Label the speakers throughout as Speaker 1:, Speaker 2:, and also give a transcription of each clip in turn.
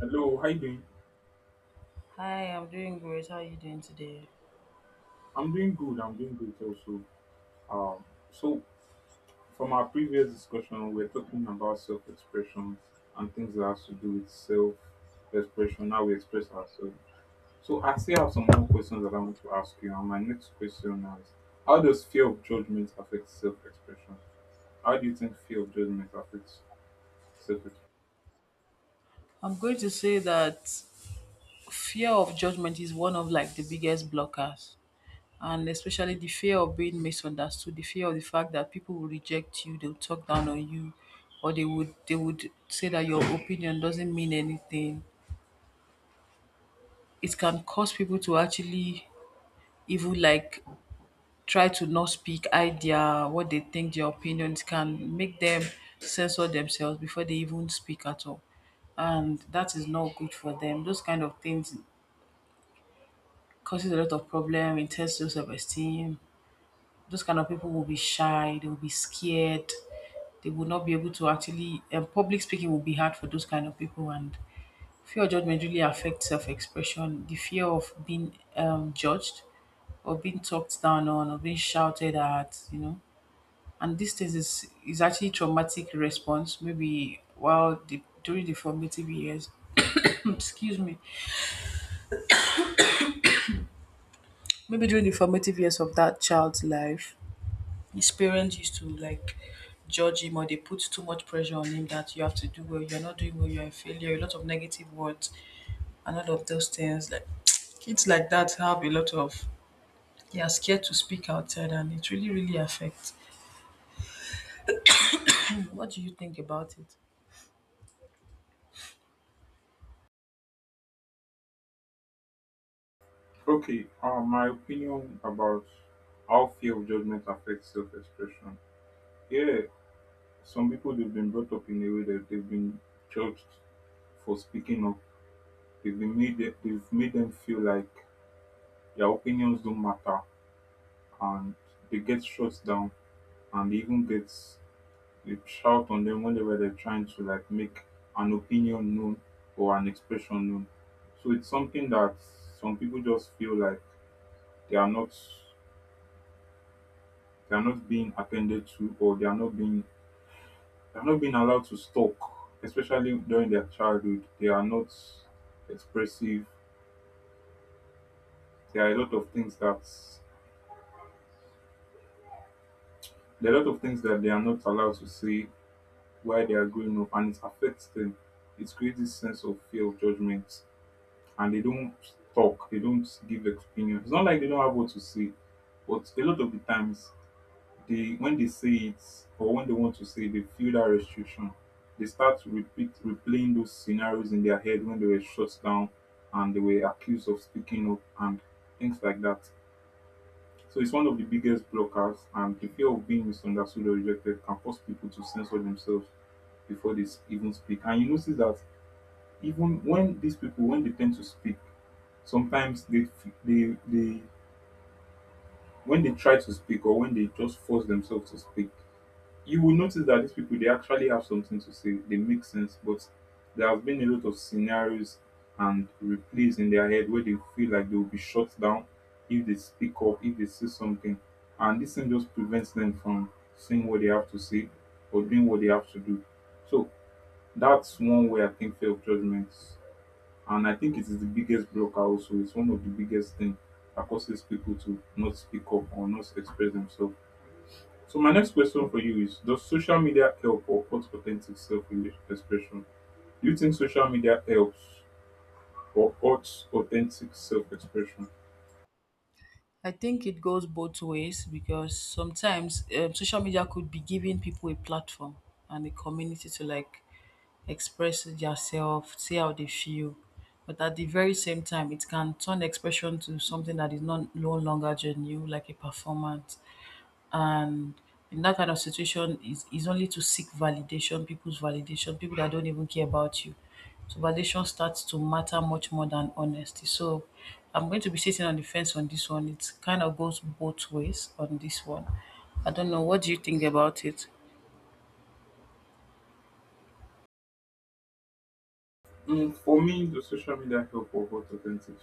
Speaker 1: Hello, how you doing?
Speaker 2: Hi, I'm doing great. How are you doing today?
Speaker 1: I'm doing good. I'm doing great also. Um, so from our previous discussion, we are talking about self-expression and things that has to do with self-expression, how we express ourselves. So I still have some more questions that I want to ask you. And my next question now is, how does fear of judgment affect self-expression? How do you think fear of judgment affects self-expression?
Speaker 2: I'm going to say that fear of judgment is one of like the biggest blockers. And especially the fear of being misunderstood, the fear of the fact that people will reject you, they'll talk down on you, or they would say that your opinion doesn't mean anything. It can cause people to actually even like try to not speak, hide their what they think, their opinions can make them censor themselves before they even speak at all. And that is not good for them. Those kind of things causes a lot of problem in terms of self-esteem. Those kind of people will be shy, they will be scared, they will not be able to actually. And public speaking will be hard for those kind of people, and fear of judgment really affects self-expression, the fear of being judged or being talked down on or being shouted at, you know. And this thing is actually traumatic response, maybe while the during the formative years excuse me, maybe during the formative years of that child's life, his parents used to like judge him, or they put too much pressure on him that you have to do well, you're not doing well, you're a failure, a lot of negative words. And all of those things, like kids like that have a lot of, they are scared to speak outside, and it really really affects. What do you think about it?
Speaker 1: Okay, my opinion about how fear of judgment affects self-expression. Yeah, some people they've been brought up in a way that they've been judged for speaking up. They've been made them, they've made them feel like their opinions don't matter, and they get shut down, and they even get they shout on them whenever they're trying to like make an opinion known or an expression known. So it's something that some people just feel like they are not they are not being attended to, or they are not being they are not being allowed to talk, especially during their childhood. They are not expressive. There are a lot of things that there are a lot of things that they are not allowed to say while they are growing up, and it affects them. It creates this sense of fear of judgment, and they don't talk. They don't give opinions. It's not like they don't have what to say, but a lot of the times they when they say it, or when they want to say, they feel that restriction. They start to repeat replaying those scenarios in their head when they were shut down and they were accused of speaking up, and things like that. So it's one of the biggest blockers, and the fear of being misunderstood or rejected can force people to censor themselves before even speak. And you notice that even when these people when they tend to speak, sometimes they when they try to speak or when they just force themselves to speak, you will notice that these people they actually have something to say. They make sense, but there have been a lot of scenarios and replays in their head where they feel like they will be shut down if they speak up, if they say something, and this thing just prevents them from saying what they have to say or doing what they have to do. So that's one way I think fear of judgments, and I think it is the biggest blocker. Also, it's one of the biggest things that causes people to not speak up or not express themselves. So my next question for you is: does social media help or hurt authentic self expression? Do you think social media helps or hurts authentic self expression?
Speaker 2: I think it goes both ways because sometimes social media could be giving people a platform and a community to like express themselves, say how they feel. But at the very same time, it can turn expression to something that is not no longer genuine, like a performance. And in that kind of situation is only to seek validation, people's validation, people that don't even care about you. So validation starts to matter much more than honesty. So I'm going to be sitting on the fence on this one. It kind of goes both ways on this one. I don't know, what do you think about it?
Speaker 1: Mm, for me, does social media help or hurt authentic?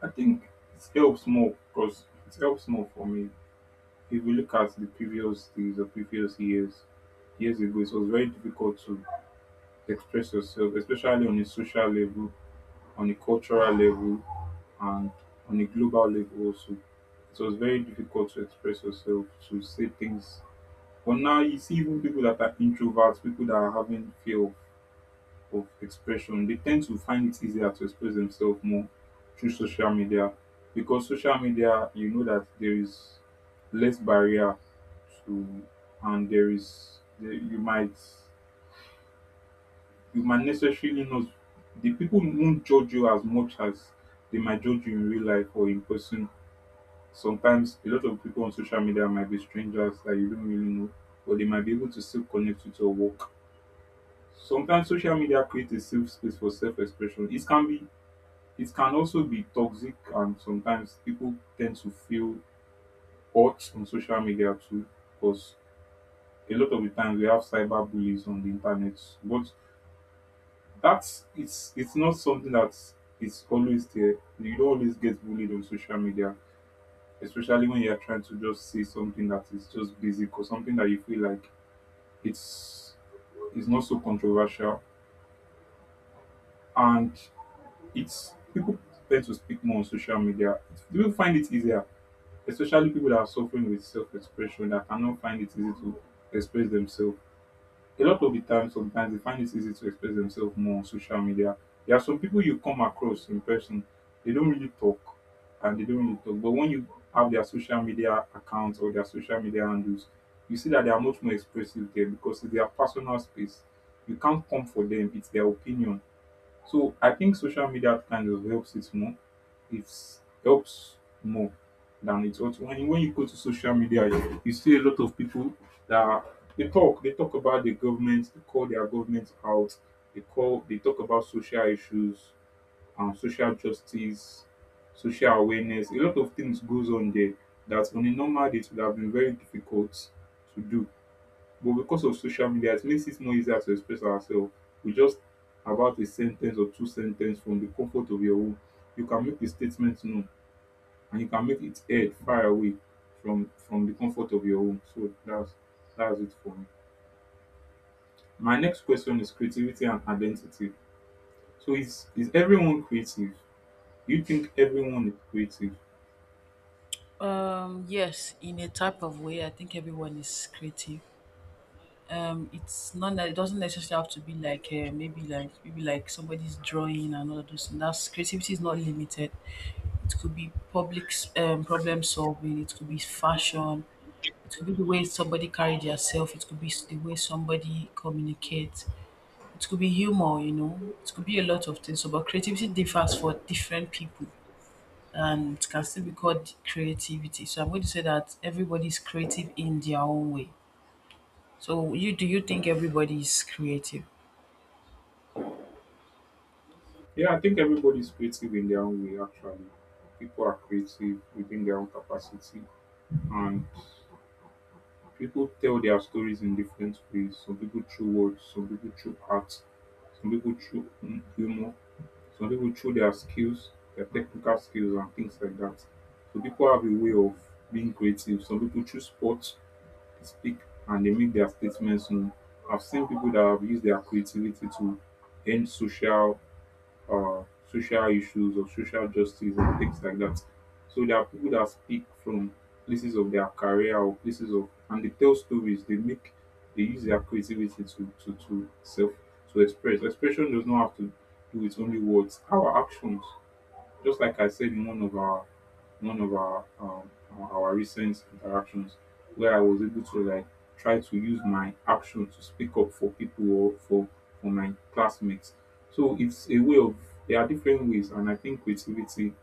Speaker 1: I think it helps more because it helps more for me. If we look at the previous days or previous years, years ago, it was very difficult to express yourself, especially on a social level, on a cultural level, and on a global level also. It was very difficult to express yourself, to say things. But now you see even people that are introverts, people that are having fear of expression, they tend to find it easier to express themselves more through social media. Because social media, you know that there is less barrier to and there is there, you might necessarily not the people won't judge you as much as they might judge you in real life or in person. Sometimes a lot of people on social media might be strangers that you don't really know, but they might be able to still connect you to your work. Sometimes social media creates a safe space for self-expression. It can be it can also be toxic, and sometimes people tend to feel hurt on social media too, because a lot of the times we have cyber bullies on the internet. What that's it's not something that is always there. You don't always get bullied on social media, especially when you're trying to just say something that is just basic or something that you feel like it's it's not so controversial. And it's people tend to speak more on social media. People find it easier, especially people that are suffering with self-expression that cannot find it easy to express themselves. A lot of the time sometimes they find it easy to express themselves more on social media. There are some people you come across in person, they don't really talk and they don't really talk. But when you have their social media accounts or their social media handles, you see that they are much more expressive there because it's their personal space. You can't come for them, it's their opinion. So I think social media kind of helps it more. It helps more than it ought to. When you go to social media, you see a lot of people that they talk. They talk about the government. They call their government out. They call. They talk about social issues, social justice, social awareness. A lot of things goes on there that on a normal day it would have been very difficult to do, but because of social media, it makes it more easier to express ourselves. We just about a sentence or two sentences from the comfort of your home, you can make a statement known and you can make it heard far away from the comfort of your home. So that's it for me. My next question is creativity and identity. So is everyone creative? Do you think everyone is creative?
Speaker 2: Yes, in a type of way, I think everyone is creative. It's not that it doesn't necessarily have to be like maybe like maybe like somebody's drawing and all of those things. That's, creativity is not limited. It could be problem solving, it could be fashion, it could be the way somebody carries themselves, it could be the way somebody communicates, it could be humor, you know, it could be a lot of things. So, but creativity differs for different people, and it can still be called creativity. So, I'm going to say that everybody's creative in their own way. So, you do you think everybody is creative?
Speaker 1: Yeah, I think everybody is creative in their own way actually. People are creative within their own capacity, and people tell their stories in different ways. Some people through words, some people through art, some people through humor, some people through their skills, their technical skills, and things like that. So people have a way of being creative. Some people choose sports, they speak, and they make their statements known. I've seen people that have used their creativity to end social uh, social issues or social justice and things like that. So there are people that speak from places of their career or places of and they tell stories. They make they use their creativity to to self to express. Expression does not have to do with only words. Our actions, just like I said in one of our recent interactions where I was able to like try to use my action to speak up for people or for my classmates. So it's a way of there are different ways, and I think creativity.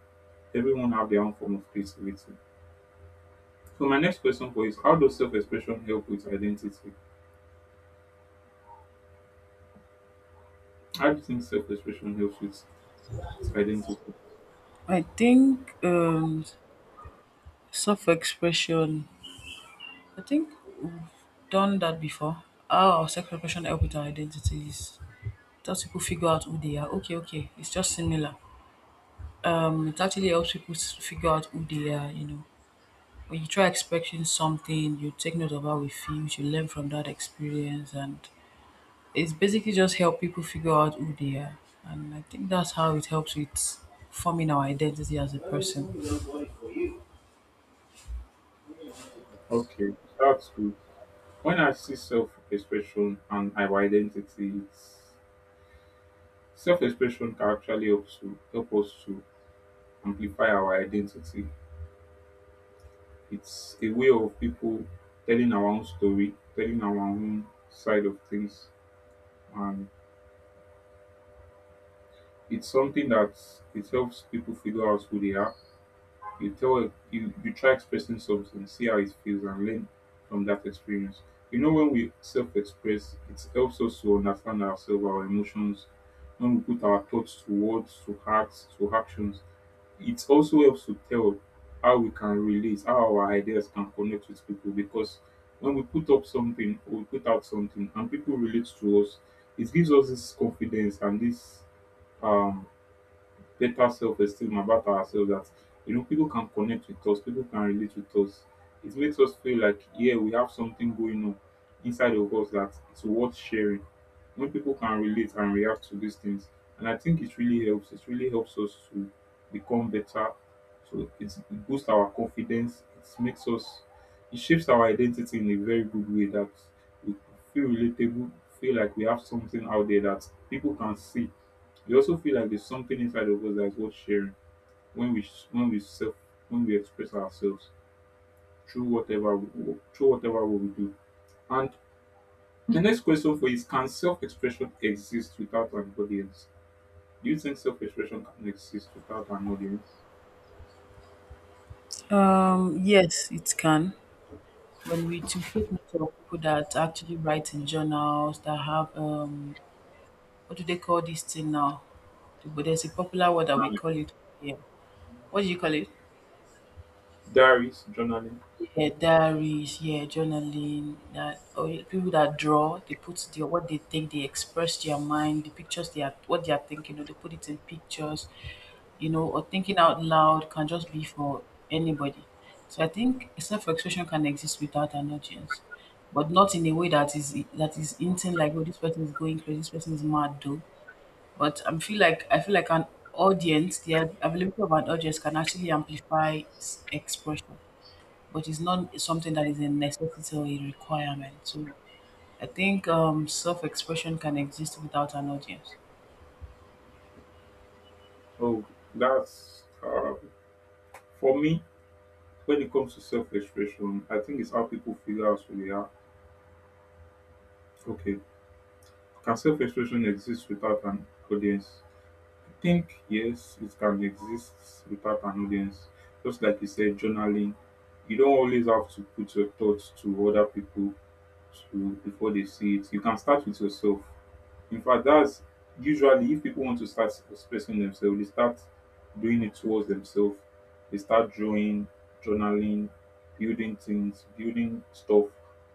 Speaker 1: Everyone have their own form of creativity. So my next question for you is: how does self-expression help with identity? How do you think self-expression helps with identity?
Speaker 2: I think self expression, I think. Done that before? How our self-reflection help with our identities? It helps people figure out who they are. Okay, okay. It's just similar. It actually helps people figure out who they are, you know. When you try expecting something, you take note of how we feel, you learn from that experience, and it's basically just help people figure out who they are. And I think that's how it helps with forming our identity as a person.
Speaker 1: Okay, that's good. When I see self-expression and our identity, it's self-expression can actually help to help us to amplify our identity. It's a way of people telling our own story, telling our own side of things, and it's something that it helps people figure out who they are. You tell a, you try expressing something, see how it feels, and learn from that experience. You know, when we self express, it helps us to understand ourselves, our emotions. When we put our thoughts to words, to acts, to actions, it also helps to tell how we can relate, how our ideas can connect with people. Because when we put up something or we put out something and people relate to us, it gives us this confidence and this um better self-esteem about ourselves, that you know people can connect with us, people can relate with us. It makes us feel like yeah we have something going on inside of us that it's worth sharing when people can relate and react to these things. And I think it really helps, it really helps us to become better. So it's, it boosts our confidence, it makes us it shapes our identity in a very good way that we feel relatable, feel like we have something out there that people can see, we also feel like there's something inside of us that's worth sharing when we self when we express ourselves through whatever we do. And the next question for you is: can self-expression exist without an audience? Do you think self-expression can exist without an audience?
Speaker 2: Yes, it can. When we to take note of people that actually write in journals, that have what do they call this thing now? But there's a popular word that we
Speaker 1: Journaling,
Speaker 2: call it. Yeah. What do you call it?
Speaker 1: diaries, journaling.
Speaker 2: Yeah, diaries. Yeah, journaling. That, or people that draw, they put their what they think, they express their mind, the pictures they are what they are thinking. Or they put it in pictures, you know, or thinking out loud can just be for anybody. So I think self-expression can exist without an audience, but not in a way that is intent, like, oh, this person is going crazy, this person is mad, though. But I feel like an audience, the availability of an audience can actually amplify expression, but it's not something that is a necessity or a requirement. So I think self-expression can exist without an audience.
Speaker 1: Oh, that's for me. When it comes to self-expression, I think it's how people figure out who they are. Okay, can self-expression exist without an audience? Think yes, it can exist without an audience. Just like you said, journaling, you don't always have to put your thoughts to other people to before they see it. You can start with yourself. In fact, that's usually if people want to start expressing themselves, they start doing it towards themselves. They start drawing, journaling, building things, building stuff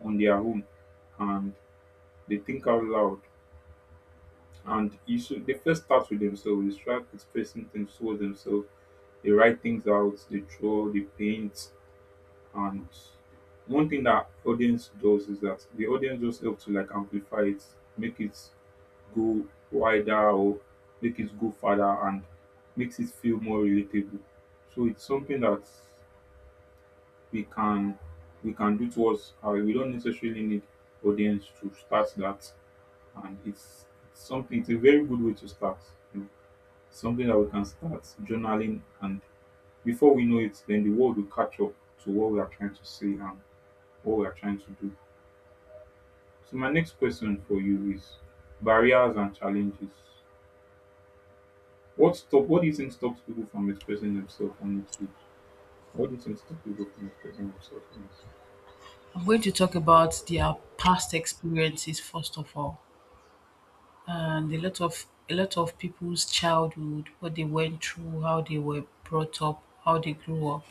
Speaker 1: on their own, and they think out loud. And you should they first start with themselves, they start expressing things towards themselves, they write things out, they draw, they paint. And one thing that audience does is that the audience just helps to like amplify it, make it go wider or make it go further and makes it feel more relatable. So it's something that we can we can do towards we don't necessarily need audience to start that and it's something it's a very good way to start something that we can start journaling, and before we know it then the world will catch up to what we are trying to say and what we are trying to do. So my next question for you is barriers and challenges. What do you think stops people from expressing themselves honestly? What do you think stops people from expressing themselves honestly?
Speaker 2: I'm going to talk about their past experiences first of all, and a lot of people's childhood, what they went through, how they were brought up, how they grew up.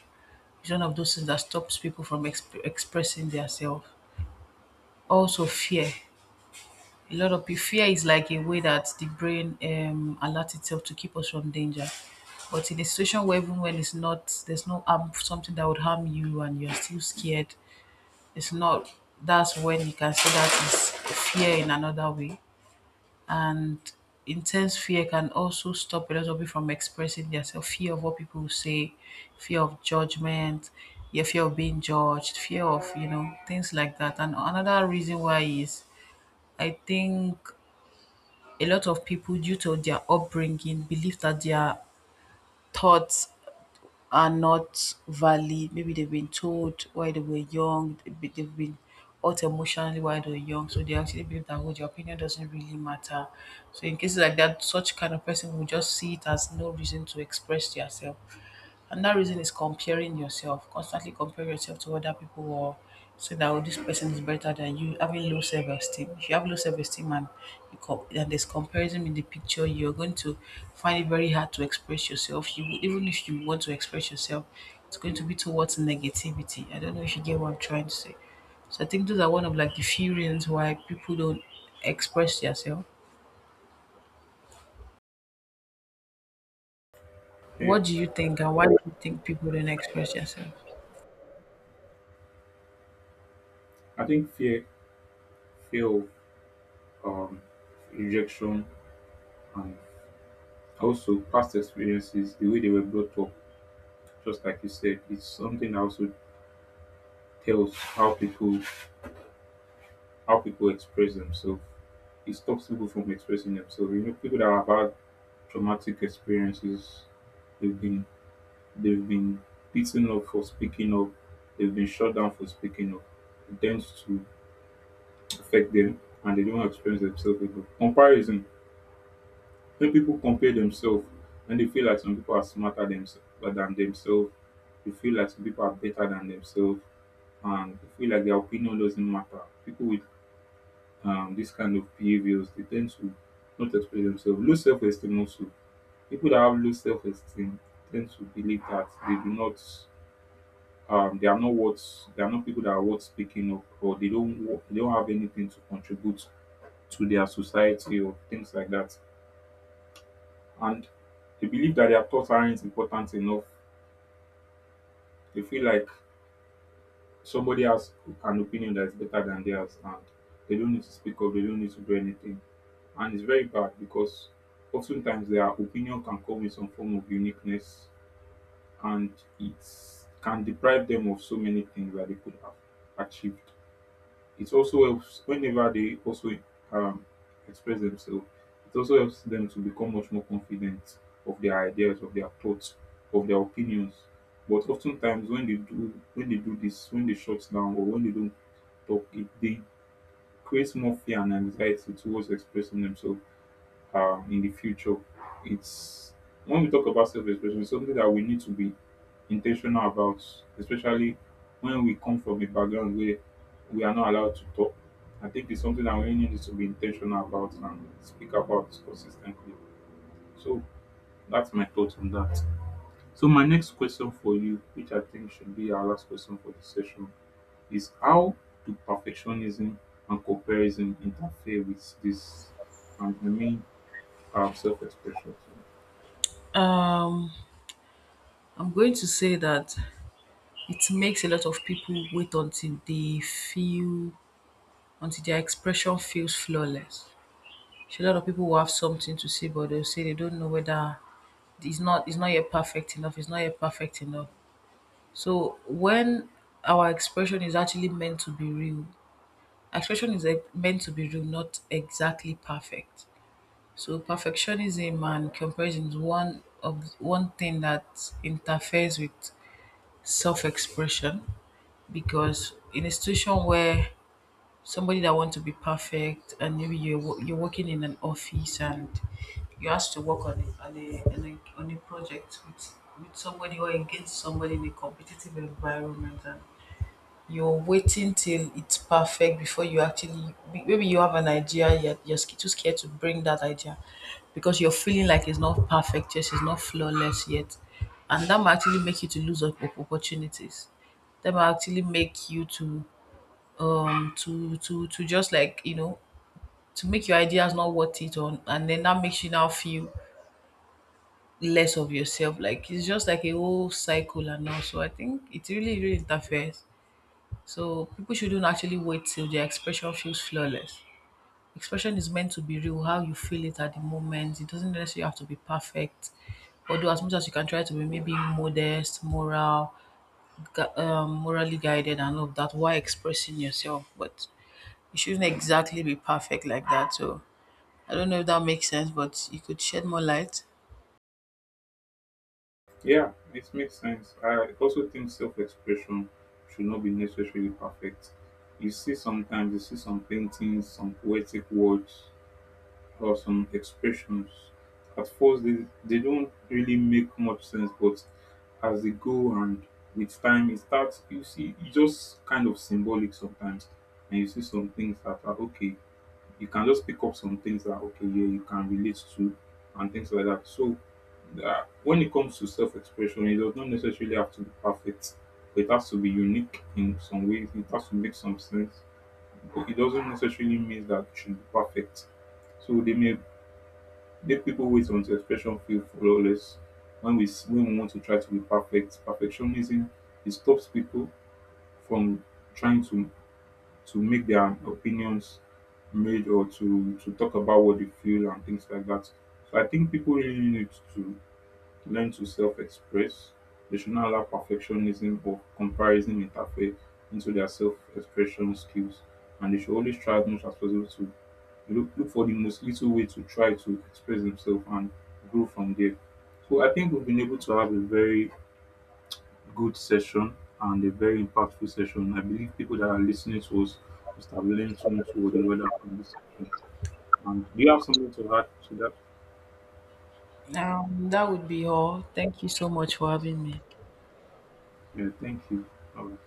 Speaker 2: It's one of those things that stops people from expressing themselves. Also, fear. A lot of pe Fear is like a way that the brain alerts itself to keep us from danger. But in a situation where even when it's not, there's no harm, something that would harm you, and you're still scared, it's not. That's when you can say that is fear in another way. And intense fear can also stop a lot of people from expressing themselves. Fear of what people will say, fear of judgment, yeah, fear of being judged, fear of, you know, things like that. And another reason why is, I think a lot of people due to their upbringing believe that their thoughts are not valid. Maybe they've been told while they were young, they've been hurt emotionally while they were young, so they actually believe that, oh, their opinion doesn't really matter. So in cases like that, such kind of person will just see it as no reason to express yourself. And that reason is comparing yourself, constantly comparing yourself to other people, or so that, oh, this person is better than you, having low self-esteem. If you have low self-esteem and you and there's comparison in the picture, you're going to find it very hard to express yourself. You will, even if you want to express yourself, it's going to be towards negativity. I don't know if you get what I'm trying to say. So I think those are one of like the few reasons why people don't express themselves.
Speaker 1: Fear.
Speaker 2: What do you think, and why do you think people don't express themselves?
Speaker 1: I think fear, fear of um, rejection, and also past experiences, the way they were brought up. Just like you said, it's something that also tells how people express themselves. It stops people from expressing themselves. You know, people that have had traumatic experiences, they've been they've been beaten up for speaking up, they've been shut down for speaking up. It tends to affect them and they don't experience themselves again. Comparison. When people compare themselves, when they feel like some people are than themselves, they feel like some people are better than themselves and they feel like their opinion doesn't matter. People will, this kind of behaviors, they tend to not express themselves. Low self esteem also. People that have low self esteem tend to believe that they do not, they are not worth, they are not people that are worth speaking up, or they don't wo- they don't have anything to contribute to their society or things like that. And they believe that their thoughts aren't important enough. They feel like somebody has an opinion that is better than theirs and they don't need to speak up, they don't need to do anything. And it's very bad because oftentimes their opinion can come with some form of uniqueness, and it can deprive them of so many things that they could have achieved. It also helps whenever they also, um, express themselves, it also helps them to become much more confident of their ideas, of their thoughts, of their opinions. But oftentimes when they do, when they do this, when they shut down or when they don't talk, it they creates more fear and anxiety towards expressing themselves in the future. It's when we talk about self expression, it's something that we need to be intentional about, especially when we come from a background where we are not allowed to talk. I think it's something that we really need to be intentional about and speak about consistently. So that's my thought on that. So my next question for you, which I think should be our last question for this session, is how do perfectionism and comparison interfere with this? And I mean self-expression.
Speaker 2: I'm going to say that it makes a lot of people wait until they feel, until their expression feels flawless. So a lot of people will have something to say, but they'll say they don't know whether it's not yet perfect enough. It's not yet perfect enough. So when our expression is actually meant to be real, expression is meant to be real, not exactly perfect. So perfectionism and comparison is one of one thing that interferes with self-expression, because in a situation where somebody that want to be perfect, and maybe you're working in an office and you asked to work on a project with somebody or against somebody in a competitive environment, and you're waiting till it's perfect before you actually, maybe you have an idea, you're too scared to bring that idea because you're feeling like it's not perfect yet, it's not flawless yet. And that might actually make you to lose opportunities. That might actually make you to just like, you know, to make your ideas not worth it on, and then that makes you now feel less of yourself, like it's just like a whole cycle and all. So I think it really really interferes. So people shouldn't actually wait till their expression feels flawless. Expression is meant to be real, how you feel it at the moment. It doesn't necessarily have to be perfect, although as much as you can try to be maybe modest, moral, morally guided and all of that while expressing yourself. But it shouldn't exactly be perfect like that. So I don't know if that makes sense, but you could shed more light.
Speaker 1: Yeah, it makes sense. I also think self expression should not be necessarily perfect. You see, sometimes you see some paintings, some poetic words, or some expressions. At first, they don't really make much sense, but as they go and with time, it starts, you see, it's just kind of symbolic sometimes. And you see some things that are okay, you can just pick up some things that okay, yeah you can relate to, and things like that. So when it comes to self-expression, it does not necessarily have to be perfect. It has to be unique in some ways, it has to make some sense, but it doesn't necessarily mean that it should be perfect. So they may make people wait until expression feel flawless. When we want to try to be perfect, perfectionism, it stops people from trying to make their opinions made, or to talk about what they feel and things like that. So I think people really need to learn to self-express. They should not allow perfectionism or comparison interfere into their self-expression skills, and they should always try as much as possible to look for the most little way to try to express themselves and grow from there. So I think we've been able to have a very good session and a very impactful session. I believe people that are listening to us must have learned something or the other from this session. And do you have something to add to that?
Speaker 2: That would be all. Thank you so much for having me.
Speaker 1: Yeah, thank you. All right.